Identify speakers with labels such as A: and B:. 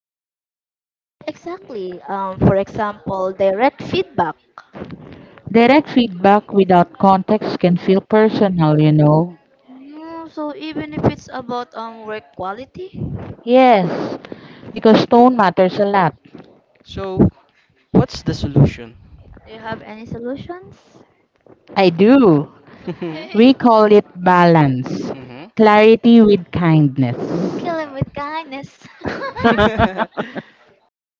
A: misunderstood.
B: Exactly. For example, direct feedback.
C: Direct feedback without context can feel personal, you know.
B: No, so even if it's about work quality, do
C: Yes, because tone matters a lot.
A: So, what's the solution?
B: you have any solutions?
C: I do. We call it balance,
A: Mhm.
C: clarity with kindness.
B: Kill him with kindness.